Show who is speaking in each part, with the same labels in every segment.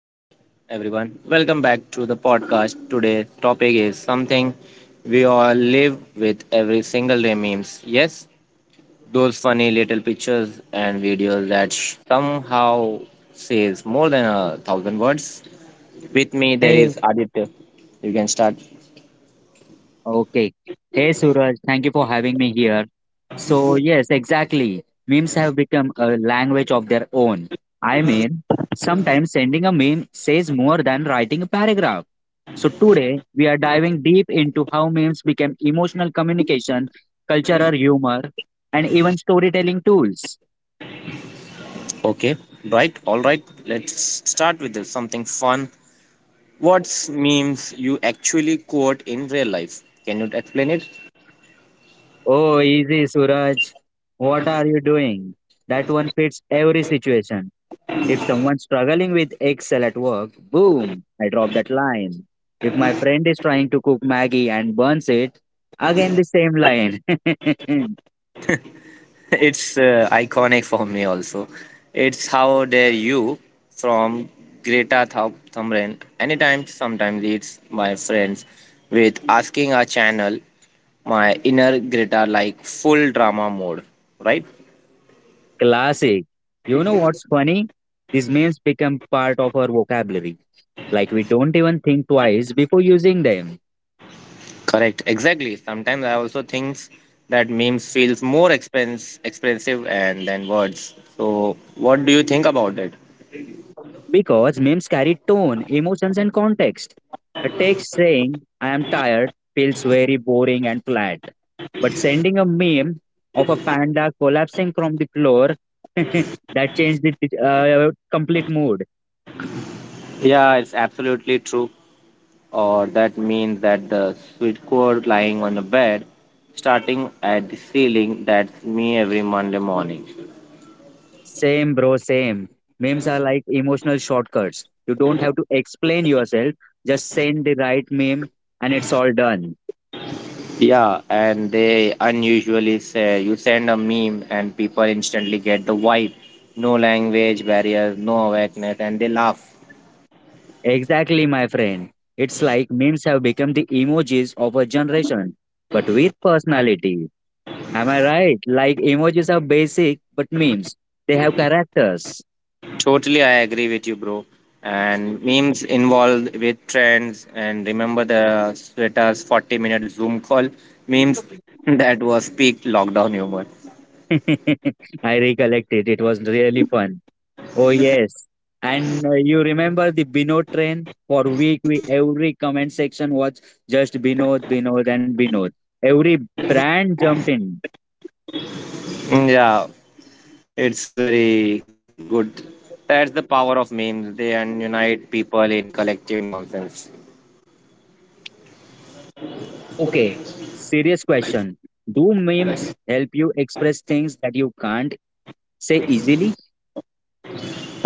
Speaker 1: Hello everyone. Welcome back to the podcast. Today' topic is something we all live with every single day memes. Yes, those funny little pictures and videos that somehow says more than a thousand words. With me there
Speaker 2: Hey,
Speaker 1: is Aditya. You can start.
Speaker 2: okay. Hey, Suraj, thank you for having me here. So, yes, exactly. Memes have become a language of their own. I mean, sometimes sending a meme says more than writing a paragraph. So, today we are diving deep into how memes became emotional communication, cultural humor, and even storytelling tools.
Speaker 1: Okay. Right. All right. Let's start with this, something fun. What's memes you actually quote in real life? Can you explain it?
Speaker 2: Oh, easy, Suraj. What are you doing? That one fits every situation. If someone's struggling with Excel at work, boom, I drop that line. If my friend is trying to cook Maggie and burns it, again the same line.
Speaker 1: It's iconic for me also. It's how dare you from Greta Thunberg. Anytime, sometimes it's my friends with asking a channel my inner Greta like full drama mode, right?
Speaker 2: Classic. You know what's funny? These memes become part of our vocabulary. Like we don't even think twice before using them.
Speaker 1: Correct, exactly. Sometimes I also think that memes feels more expense expensive and than words. So, what do you think about it?
Speaker 2: Because memes carry tone, emotions, and context. A text saying, I am tired, feels very boring and flat. But sending a meme of a panda collapsing from the floor, that changed the complete mood.
Speaker 1: Yeah, it's absolutely true. Or that means that the sweet chord lying on the bed, starting at the ceiling. That's me every Monday morning.
Speaker 2: Same, bro, same. Memes are like emotional shortcuts. You don't have to explain yourself, just send the right meme, and it's all done.
Speaker 1: Yeah, and they unusually say you send a meme and people instantly get the vibe. No language barriers, no awareness, and they laugh.
Speaker 2: Exactly, my friend. It's like memes have become the emojis of a generation, but with personality. Am I right? Like emojis are basic, but memes, they have characters.
Speaker 1: Totally, I agree with you, bro. And memes involved with trends. And remember the sweaters 40-minute minute Zoom call memes, that was peak lockdown humor.
Speaker 2: I recollect it. It was really fun. Oh yes, and you remember the Binod train? For week, we every comment section was just Binod, Binod, and Binod. Every brand jumped in.
Speaker 1: Mm, yeah, it's very good. That's the power of memes. They unite people in collective nonsense.
Speaker 2: Okay, serious question. Do memes help you express things that you can't say easily?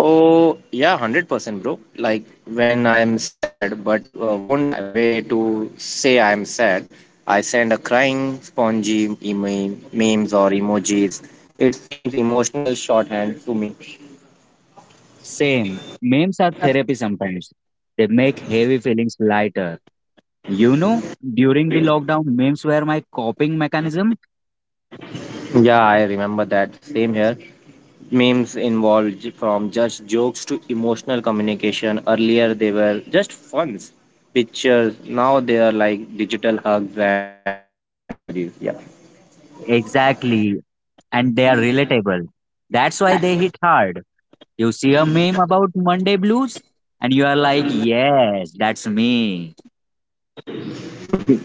Speaker 1: Oh yeah, 100%, bro. Like when I am sad, but won't way to say I am sad. I send a crying spongy email, memes or emojis. It seems emotional shorthand to me.
Speaker 2: Same. Memes are therapy sometimes. They make heavy feelings lighter. You know, during the lockdown, memes were my coping mechanism.
Speaker 1: Yeah, I remember that. Same here. Memes involved from just jokes to emotional communication. Earlier, they were just funs, pictures. Now they are like digital hugs and heart emojis. Yeah,
Speaker 2: Exactly. And they are relatable. That's why they hit hard. You see a meme about Monday blues, and you are like, yes, that's me.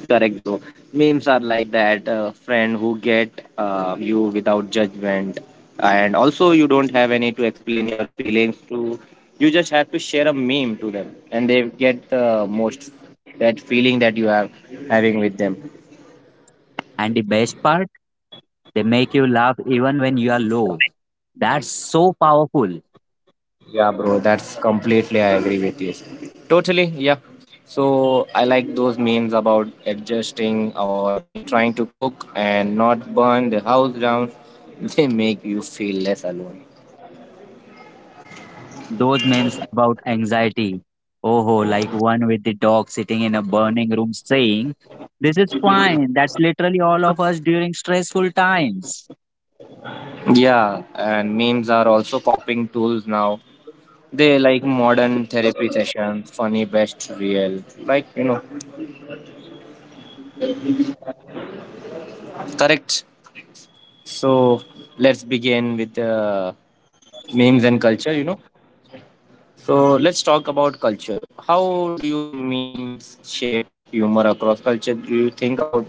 Speaker 1: correct though. Memes are like that friend who get you without judgment, and also you don't have any to explain your feelings to. You just have to share a meme to them, and they get the most that feeling that you have having with them.
Speaker 2: And the best part? They make you laugh even when you are low. That's so powerful.
Speaker 1: Yeah, bro, that's completely I agree with you. Totally, yeah. So I like those memes about adjusting or me trying to cook and not burn the house down. They make you feel less alone.
Speaker 2: Those memes about anxiety. Oh, ho, like one with the dog sitting in a burning room saying, this is fine. That's literally all of us during stressful times.
Speaker 1: Yeah, and memes are also popping tools now. They like modern therapy sessions, funny, best, real. Like, you know, correct. So let's begin with the memes and culture, you know. So let's talk about culture. How do you memes shape humor across culture? Do you think about?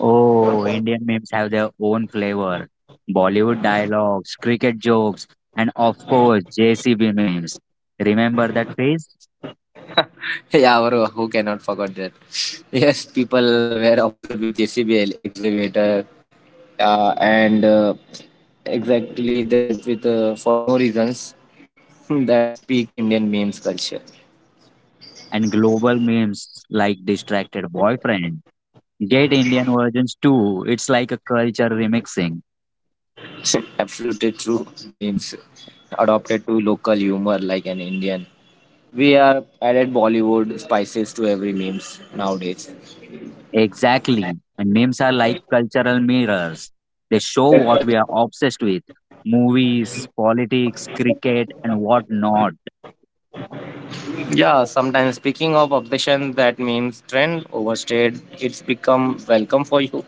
Speaker 2: Oh, Indian memes have their own flavor. Bollywood dialogues, cricket jokes, and of course, JCB memes. Remember that phase?
Speaker 1: Yeah, bro. Who cannot forget that? Yes, people were observed with JCB excavator, and exactly that with for no reasons, that speak Indian memes culture.
Speaker 2: And global memes like Distracted Boyfriend. Get Indian versions too. It's like a culture remixing.
Speaker 1: Absolutely true memes adopted to local humor like an Indian. We are added Bollywood spices to every memes nowadays.
Speaker 2: Exactly. And memes are like cultural mirrors. They show what we are obsessed with movies, politics, cricket, and whatnot.
Speaker 1: Yeah, sometimes speaking of obsession, that means trend overstayed, it's become welcome for you.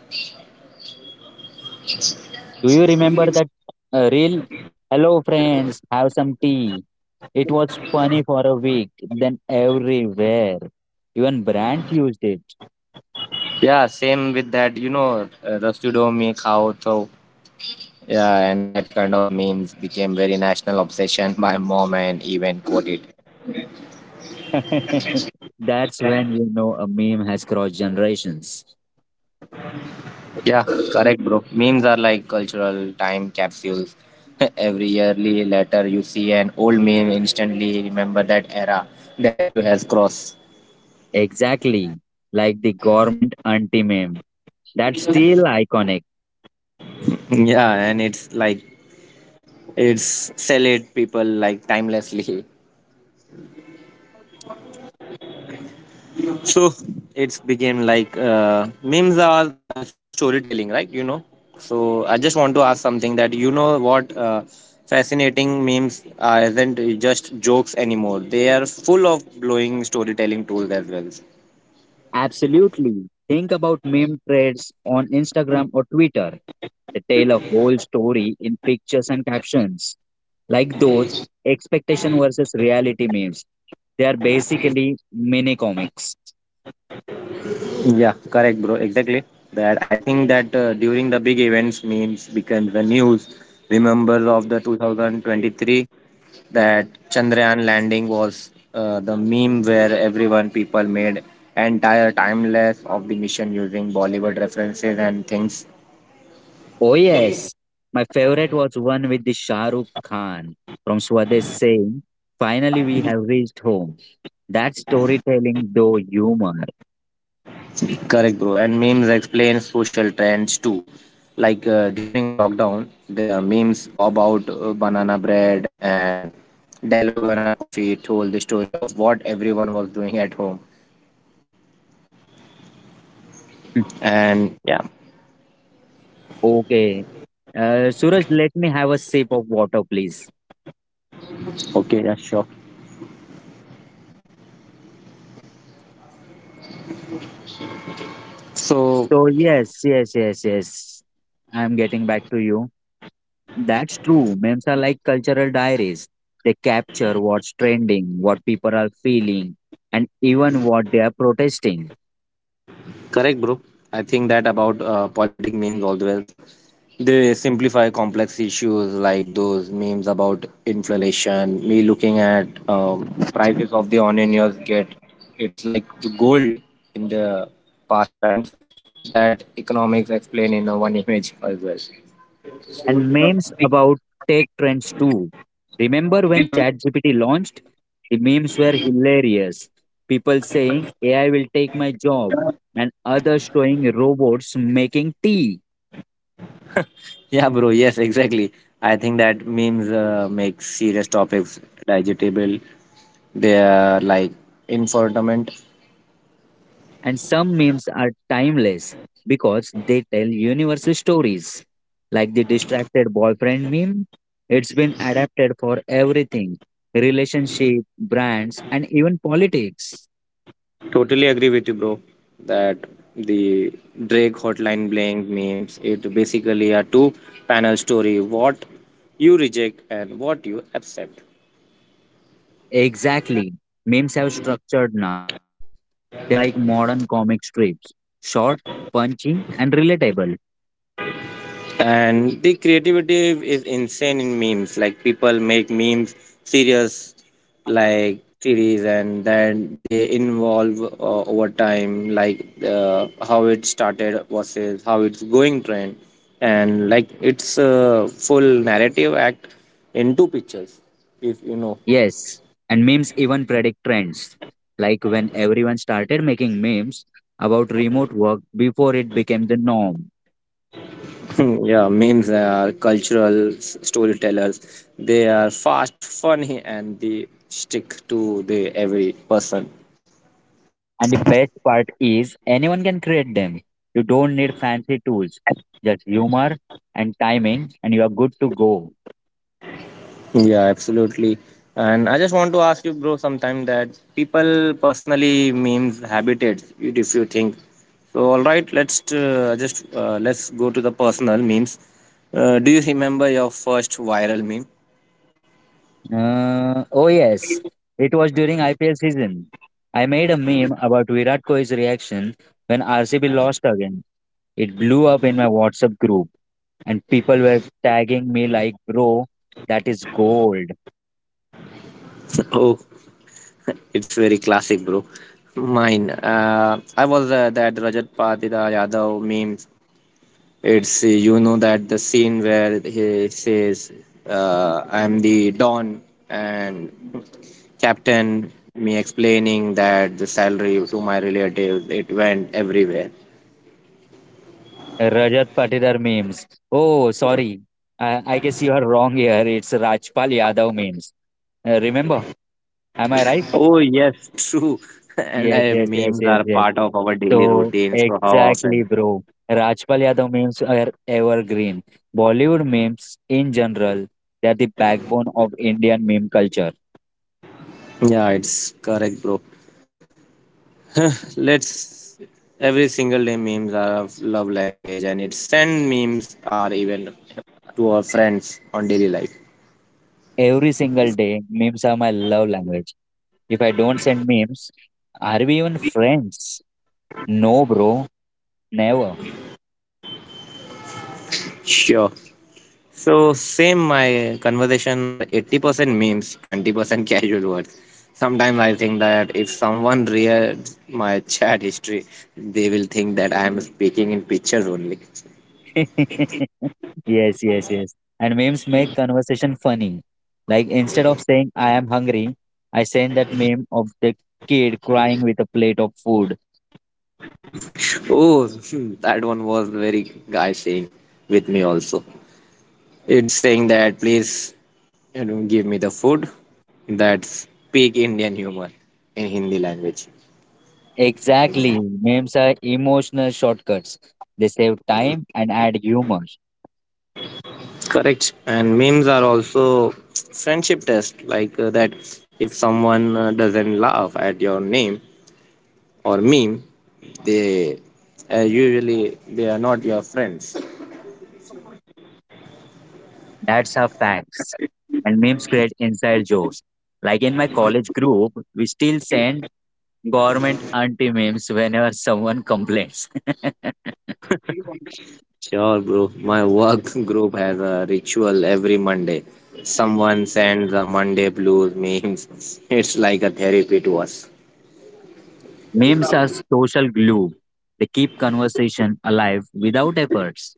Speaker 2: Do you remember that reel? Hello, friends, have some tea. It was funny for a week, then everywhere. Even Brandt used it.
Speaker 1: Yeah, same with that, you know, Rastudo Mi Khao Tho. Yeah, and that kind of memes became very national obsession. My mom and even quoted.
Speaker 2: That's when you know a meme has crossed generations.
Speaker 1: Yeah, correct, bro. Memes are like cultural time capsules. Every yearly letter you see an old meme, instantly remember that era that you has crossed.
Speaker 2: Exactly. Like the government anti meme. That's still iconic.
Speaker 1: Yeah, and it's like it's sell it people like timelessly, so it's became like, memes are so storytelling right you know, so I just want to ask something that you know what, fascinating memes are isn't just jokes anymore, they are full of blowing storytelling tools as well.
Speaker 2: Absolutely. Think about meme threads on Instagram or Twitter. They tell a whole story in pictures and captions. Like those expectation versus reality memes. They are basically mini comics.
Speaker 1: Yeah, correct, bro. Exactly. That I think that during the big events, memes became the news. Remember of the 2023 that Chandrayaan landing was the meme where everyone people made entire timeless of the mission using Bollywood references and things.
Speaker 2: Oh yes, my favorite was one with the Shah Rukh Khan from Swadesh saying, "Finally, we have reached home." That storytelling, though humor.
Speaker 1: Correct, bro. And memes explain social trends too. Like during lockdown, the memes about banana bread and Dalogana coffee told the story of what everyone was doing at home.
Speaker 2: Hmm.
Speaker 1: And yeah,
Speaker 2: Okay, Suraj, let me have a sip of water, please.
Speaker 1: okay, yeah, sure. So
Speaker 2: So yes. I'm getting back to you. That's true. Memes are like cultural diaries. They capture what's trending, what people are feeling, and even what they are protesting.
Speaker 1: correct, bro. I think that about politic memes all the well. They simplify complex issues like those memes about inflation. Me looking at prices of the onions get it's like the gold in the past times that economics explain in one image as well.
Speaker 2: And memes about tech trends too. Remember when ChatGPT launched? The memes were hilarious. People saying AI will take my job, and others showing robots making tea.
Speaker 1: Yeah, bro. Yes, exactly. I think that memes make serious topics digestible. They are like infotainment.
Speaker 2: And some memes are timeless because they tell universal stories. Like the distracted boyfriend meme, it's been adapted for everything relationship, brands, and even politics.
Speaker 1: Totally agree with you, bro. That the Drake hotline Bling memes it basically a two panel story what you reject and what you accept.
Speaker 2: Exactly. Memes have structured now. They are like modern comic strips short, punchy, and relatable.
Speaker 1: And the creativity is insane in memes like people make memes serious like series, and then they involve over time like, how it started versus how it's going trend, and like it's a full narrative act in two pictures, if you know.
Speaker 2: Yes. And memes even predict trends. Like when everyone started making memes about remote work before it became the norm.
Speaker 1: Yeah, memes are cultural storytellers, they are fast funny and they stick to the every person.
Speaker 2: And the best part is anyone can create them. You don't need fancy tools, just humor and timing, and you are good to go.
Speaker 1: Yeah, absolutely. And I just want to ask you, bro, sometime that people personally memes habitat. If you think so, all right, let's just let's go to the personal memes. Do you remember your first viral meme?
Speaker 2: Oh, yes, it was during IPL season. I made a meme about Virat Kohli's reaction when RCB lost again. It blew up in my WhatsApp group, and people were tagging me like, bro, that is gold.
Speaker 1: Oh, it's very classic, bro. Mine. I was that Rajat Patida Yadav meme. It's you know that the scene where he says, "I'm the Don," and Captain me explaining that the salary to my relatives it went everywhere.
Speaker 2: Rajat Patidar memes. Oh, sorry. I guess you are wrong here. It's Rajpal Yadav memes. Remember? Am I right?
Speaker 1: Oh yes, true. And
Speaker 2: Yes,
Speaker 1: I,
Speaker 2: yes, yes,
Speaker 1: memes
Speaker 2: yes,
Speaker 1: are
Speaker 2: yes.
Speaker 1: part of our daily
Speaker 2: So
Speaker 1: routine. So how
Speaker 2: exactly,
Speaker 1: often?
Speaker 2: bro. Rajpal Yadav memes are evergreen. Bollywood memes in general, they are the backbone of Indian meme culture.
Speaker 1: Yeah, it's correct, bro. Let's every single day memes are of love language, and it send memes are even to our friends on daily life.
Speaker 2: Every single day, memes are my love language. If I don't send memes, are we even friends? No, bro, never.
Speaker 1: Sure. So same my conversation are 80% memes, 20% casual words. Sometimes I think that if someone reads my chat history, they will think that I am speaking in pictures only.
Speaker 2: Yes. And memes make conversation funny. Like instead of saying I am hungry, I send that meme of the kid crying with a plate of food.
Speaker 1: Oh, hmm, that one was very guy saying with me also. It's saying that please, you know, give me the food. That's peak Indian humor in Hindi language.
Speaker 2: Exactly. Memes are emotional shortcuts. They save time and add humor.
Speaker 1: Correct. And memes are also friendship test like that if someone doesn't laugh at your name or meme, they usually they are not your friends.
Speaker 2: That's our facts. And memes create inside jokes. Like in my college group, we still send government anti memes whenever someone complains.
Speaker 1: Sure, bro. My work group has a ritual every Monday. Someone sends a Monday blues memes. It's like a therapy to us.
Speaker 2: Memes are social glue. They keep conversation alive without efforts.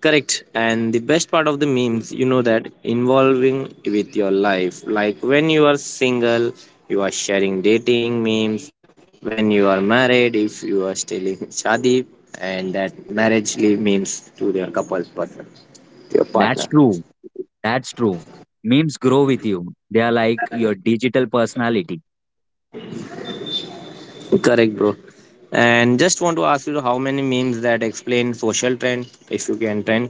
Speaker 1: Correct. And the best part of the memes, you know that involving with your life. Like when you are single, you are sharing dating memes. When you are married, if you are still in shadi, and that marriage leave memes to your couple's partner, to your
Speaker 2: That's
Speaker 1: partner.
Speaker 2: true. That's true. Memes grow with you. They are like your digital personality.
Speaker 1: Correct, bro. And just want to ask you how many memes that explain social trend, if you can trend.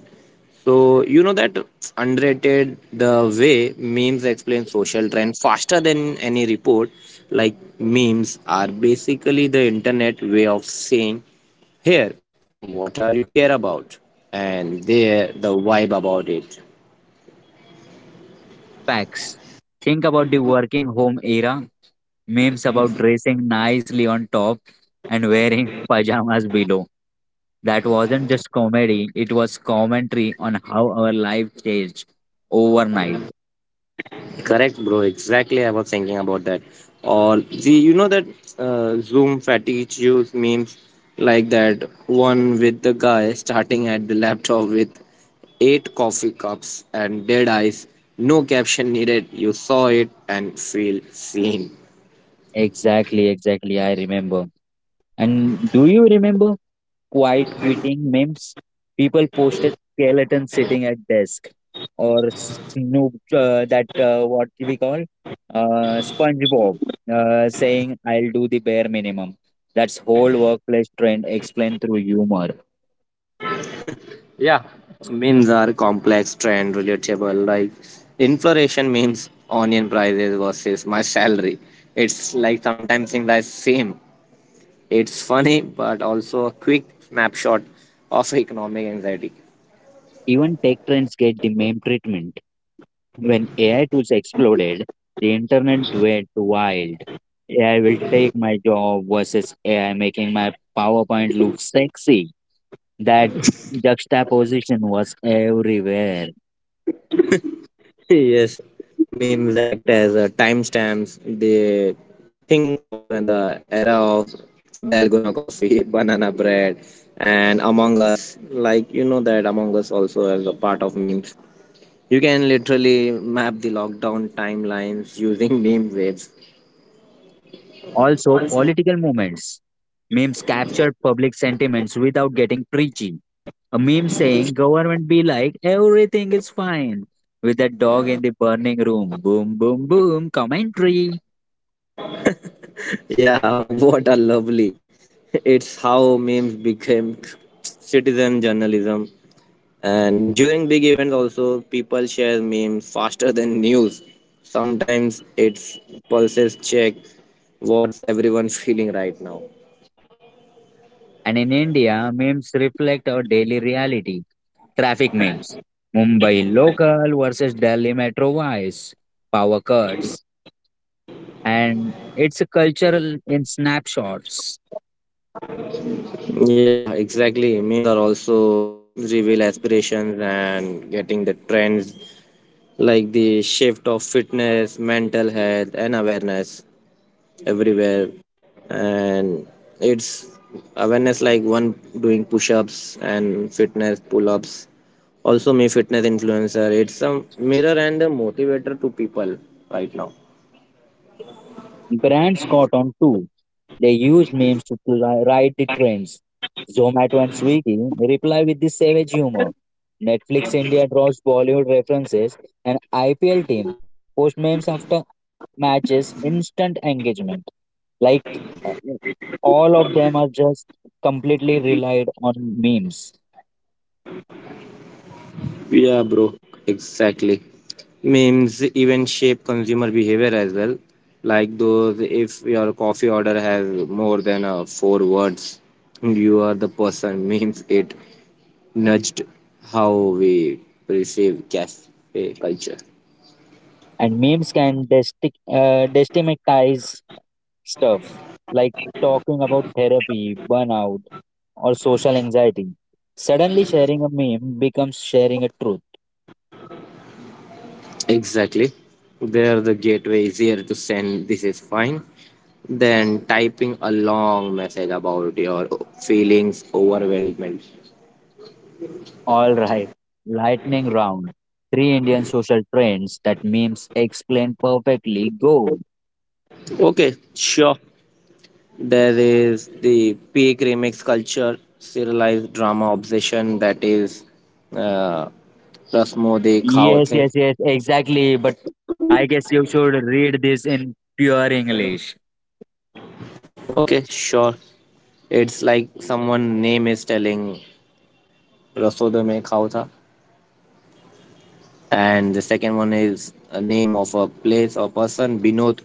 Speaker 1: So you know that underrated the way memes explain social trend faster than any report. Like memes are basically the internet way of saying, "Here, what are you care about?" And there the vibe about it.
Speaker 2: Facts. Think about the working home era. Memes about dressing nicely on top and wearing pajamas below. That wasn't just comedy, it was commentary on how our life changed overnight.
Speaker 1: Correct, bro. Exactly, I was thinking about that. Or the you know that Zoom fatigue use memes like that one with the guy starting at the laptop with 8 coffee cups and dead eyes. No caption needed. You saw it and feel seen.
Speaker 2: Exactly. I remember. And do you remember quiet quitting memes. People posted skeleton sitting at desk or Snoop that what we call SpongeBob saying I'll do the bare minimum. That's whole workplace trend explained through humor.
Speaker 1: Memes are complex, trend, relatable. Like inflation memes, onion prices versus my salary. It's like sometimes things are same, it's funny, but also a quick snapshot of economic anxiety.
Speaker 2: Even tech trends get the meme treatment. When AI tools exploded, the internet went wild. AI will take my job versus AI making my PowerPoint look sexy. That juxtaposition was everywhere.
Speaker 1: Yes, memes act as timestamps. They think of the era of Dalgona coffee, banana bread, and Among Us. Like, you know that Among Us also is a part of memes. You can literally map the lockdown timelines using meme waves.
Speaker 2: Also, political movements. Memes captured public sentiments without getting preachy. A meme saying, government be like, everything is fine. With a dog in the burning room. Boom, boom, boom, commentary.
Speaker 1: Yeah, what a lovely. It's how memes became citizen journalism. And during big events, also, people share memes faster than news. Sometimes it's pulses check what's everyone feeling right now.
Speaker 2: And in India, memes reflect our daily reality. Traffic memes. Mumbai local versus Delhi metro wise. Power cuts. And it's a cultural in snapshots.
Speaker 1: Yeah, exactly. Memes are also reveal aspirations and getting the trends like the shift of fitness, mental health, and awareness. Everywhere and it's awareness like one doing push-ups and fitness pull-ups, also me fitness influencer, it's a mirror and a motivator to people right now.
Speaker 2: Brands caught on too. They used memes to ride the trends. Zomato and Swiggy reply with the savage humor. Netflix India draws Bollywood references and IPL team post memes after matches, instant engagement. Like uh, all of them are just completely relied on memes,
Speaker 1: Yeah, bro. Exactly. Memes even shape consumer behavior as well. Like those, if your coffee order has more than four words, you are the person. Memes it nudged how we perceive cafe culture.
Speaker 2: and memes can destigmatize stuff like talking about therapy, burnout, or social anxiety. Suddenly, sharing a meme becomes sharing a truth.
Speaker 1: Exactly. There, the gateway easier to send this is fine than typing a long message about your feelings overwhelmed.
Speaker 2: All right, lightning round. Three Indian social trends that memes explain perfectly. Go.
Speaker 1: Okay, sure. There is the peak remix culture, serialized drama obsession that is uh, Rasmo De Khao
Speaker 2: Yes, yes,
Speaker 1: The.
Speaker 2: yes, exactly. But I guess you should read this in pure English.
Speaker 1: Okay, sure. It's like someone name is telling Rasoda Me Khao Tha. And the second one is a name of a place or person, Binod,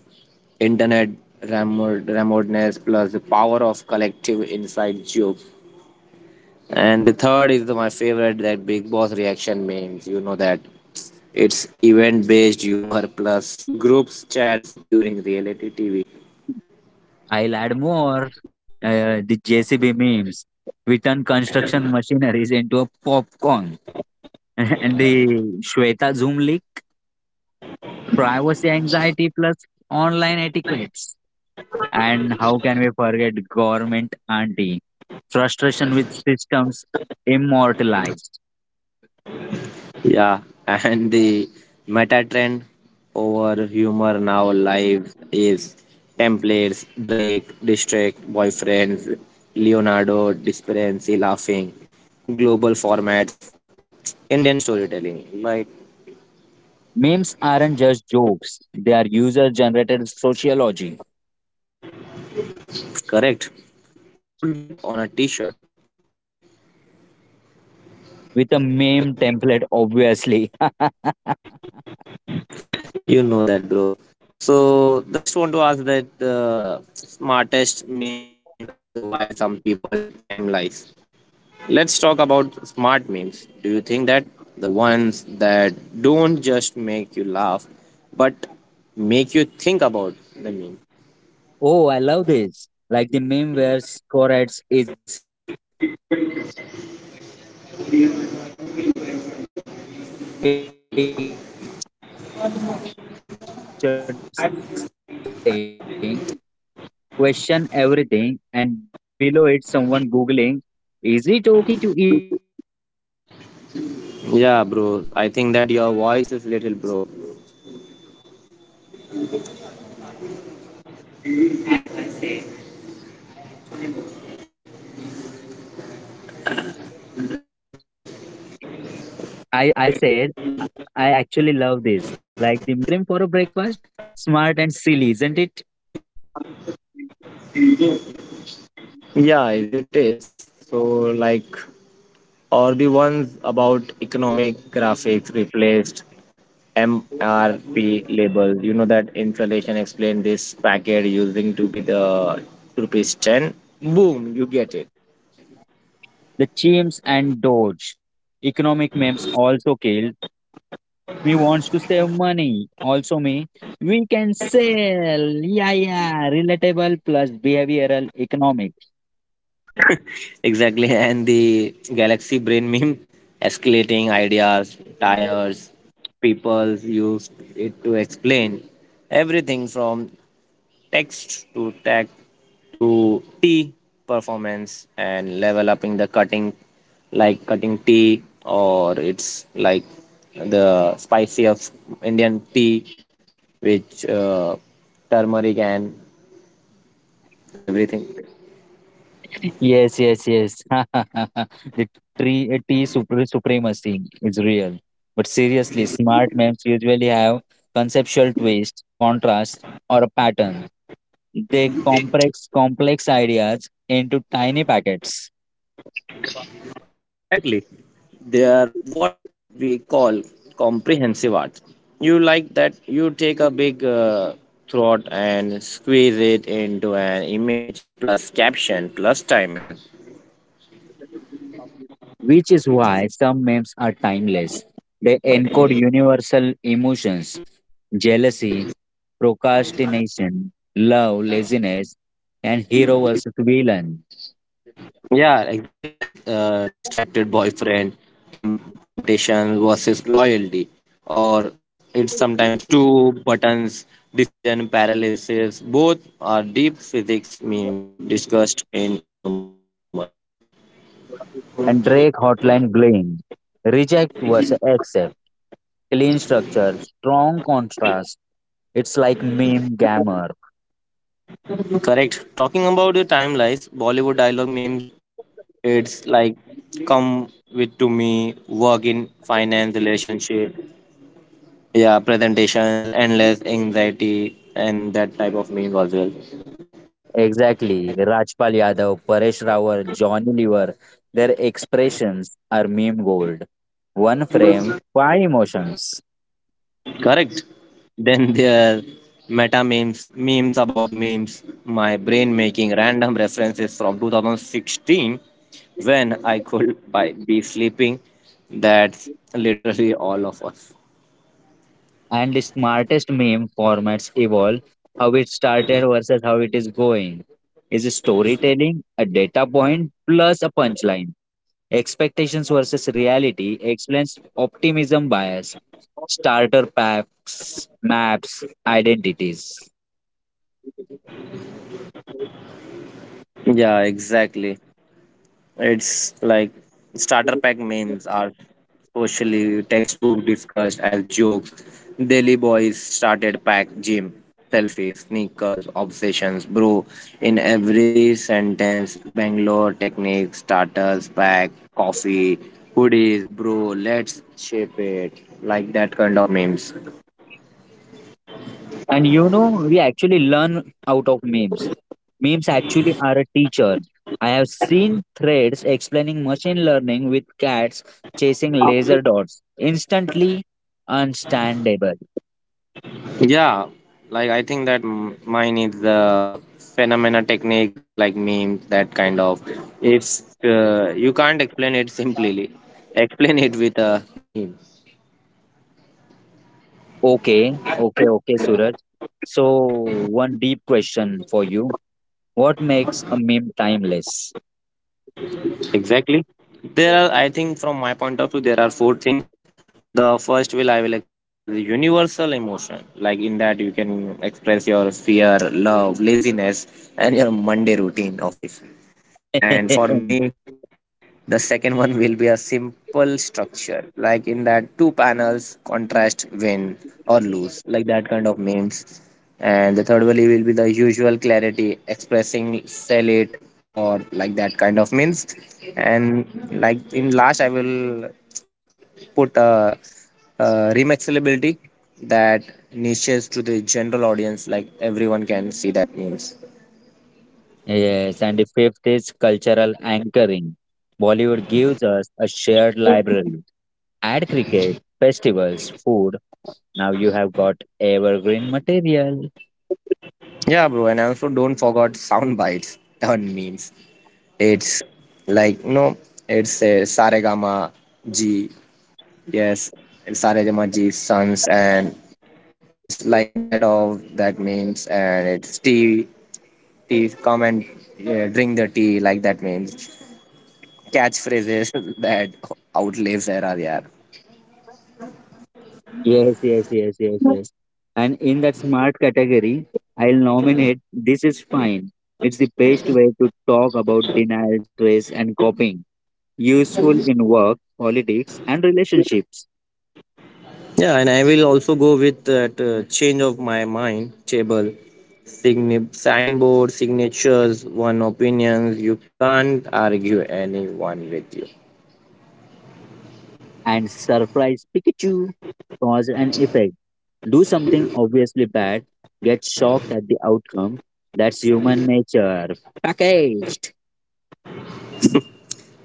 Speaker 1: internet ramod, ramodness plus the power of collective inside joke. And the third is the, my favorite that Big Boss reaction memes. You know that it's event based humor plus groups chats during reality TV.
Speaker 2: I'll add more. The JCB memes. We turn construction machineries into a popcorn. And the Shweta Zoom leak privacy anxiety plus online etiquettes. And how can we forget government auntie? Frustration with systems immortalized.
Speaker 1: Yeah, and the meta trend over humor now live is templates, Drake, district, boyfriends, Leonardo, disparity, laughing, global formats, Indian storytelling. Like,
Speaker 2: Memes aren't just jokes, they are user generated sociology
Speaker 1: correct. Put that on a t shirt.
Speaker 2: with a meme template, obviously.
Speaker 1: You know that, bro. So, just want to ask that smartest memes and why some people time lies. Let's talk about smart memes. Do you think that the ones that don't just make you laugh, but make you think about the meme?
Speaker 2: Oh, I love this. Like the meme where Scorads is pictured saying, question everything, and below it, someone googling, is it okay to eat ice cream for breakfast? Smart plus silly, isn't it?
Speaker 1: Yeah, bro. I think that your voice is little, bro.
Speaker 2: I said, I actually love this. Like the memes where Scorex is picture saying, questioning everything, and below it's someone googling, is it okay to eat ice cream for a breakfast? Smart and silly, isn't it?
Speaker 1: Yeah, it is. So, like, or the ones about economic graphics replaced MRP labels. You know that installation explained this packet using to be the ₹10. Boom, you get it.
Speaker 2: The chimps and Doge. Economic memes also killed We wants to save money. Also me. We can sell. Yeah, yeah. Relatable plus behavioral economic.
Speaker 1: Exactly, and the galaxy brain meme escalating ideas, tires, people used it to explain everything from text to tag to tea performance and level upping the cutting like cutting tea, or it's like the spicy of indian tea which turmeric and everything
Speaker 2: Yes. The tree tea supremacy is real. But seriously, smart memes usually have conceptual twist, contrast, or a pattern. They complex ideas into tiny packets.
Speaker 1: exactly they are what we call comprehensive art. You like that you take a big throat and squeeze it into an image plus caption plus timing.
Speaker 2: Which is why some memes are timeless. They encode universal emotions jealousy, procrastination, love, laziness, and hero versus villain,
Speaker 1: Yeah, exactly like distracted boyfriend, temptation versus loyalty, or it's sometimes two buttons, decision paralysis. Both are deep physics meme discussed in humor.
Speaker 2: and Drake hotline bling. Reject versus accept, clean structure, strong contrast. It's like meme gamer.
Speaker 1: Correct. Talking about the timelines, Bollywood dialogue memes, it's like come with to me, work in finance, relationship, yeah, presentations, endless anxiety, and that type of meme as well.
Speaker 2: Exactly. Rajpal Yadav, Paresh Rawat, Johnny Lever, their expressions are meme gold. One frame, five emotions.
Speaker 1: Correct. Then there are meta memes, memes about memes, my brain making random references from 2016 when I could be sleeping. That's literally all of us.
Speaker 2: And the smartest meme formats evolve. How it started versus how it is going. Is a storytelling a data point plus a punchline? Expectations versus reality explains optimism bias, starter packs, maps, identities.
Speaker 1: Yeah, exactly. It's like starter pack memes are socially textbook discussed as jokes. Daily boys started pack gym selfies, sneakers, obsessions, bro. In every sentence, Bangalore techniques, starters pack, coffee, hoodies, bro. Let's shape it like that kind of memes.
Speaker 2: And you know, we actually learn out of memes. Memes actually are a teacher. I have seen threads explaining machine learning with cats chasing laser dots. Instantly understandable.
Speaker 1: Yeah, like I think that mine is the phenomena techniques like memes, that kind of. If you can't explain it simply, explain it with a meme.
Speaker 2: Okay, Suraj. So, one deep question for you. What makes a meme timeless?
Speaker 1: Exactly. There are, I think, from my point of view, there are four things. The first will I will explain that is universal emotion. Like in that you can express your fear, love, laziness, and your Monday routine office. And for me, the second one will be a simple structure, like in that two panels contrast win or lose, like that kind of memes. And the third one will be the usual clarity, expressing sell it or like that kind of memes. And like in last, I will put a remixability that niches to the general audience, like everyone can see that memes.
Speaker 2: Yes, and the fifth is cultural anchoring. Bollywood gives us a shared library. Add cricket, festivals, food. Now you have got evergreen material.
Speaker 1: Yeah, bro, and also don't forget sound bites on memes. It's like you know, it's a Saregama G. Yes, it's Saregama G Sons, and it's like that of that means, and it's tea, tea, come and yeah, drink the tea, like that means. Catchphrases that outlives era, yeah.
Speaker 2: Yes. And in that smart category, I'll nominate This Is Fine. It's the best way to talk about denial, stress, and coping. Useful in work, politics, and relationships.
Speaker 1: Yeah, and I will also go with that change of my mind table. Signboard, signatures, one opinions. You can't argue anyone with you.
Speaker 2: And surprise Pikachu. Cause and effect. Do something obviously bad, get shocked at the outcome. That's human nature. Packaged.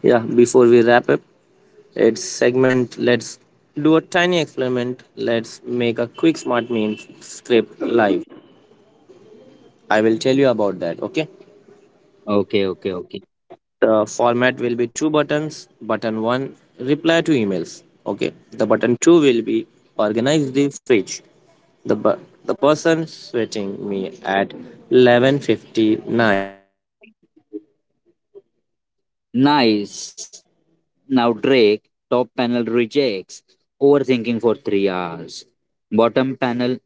Speaker 1: Yeah, before we wrap up its segment, let's do a tiny experiment. Let's make a quick smart meme script live. I will tell you about that, okay?
Speaker 2: Okay, okay, okay.
Speaker 1: The format will be two buttons. Button 1 reply to emails, okay? The button 2 will be organize the fridge. The person sweating me at 11:59
Speaker 2: Nice. Now Drake, top panel rejects. Overthinking for 3 hours. Bottom panel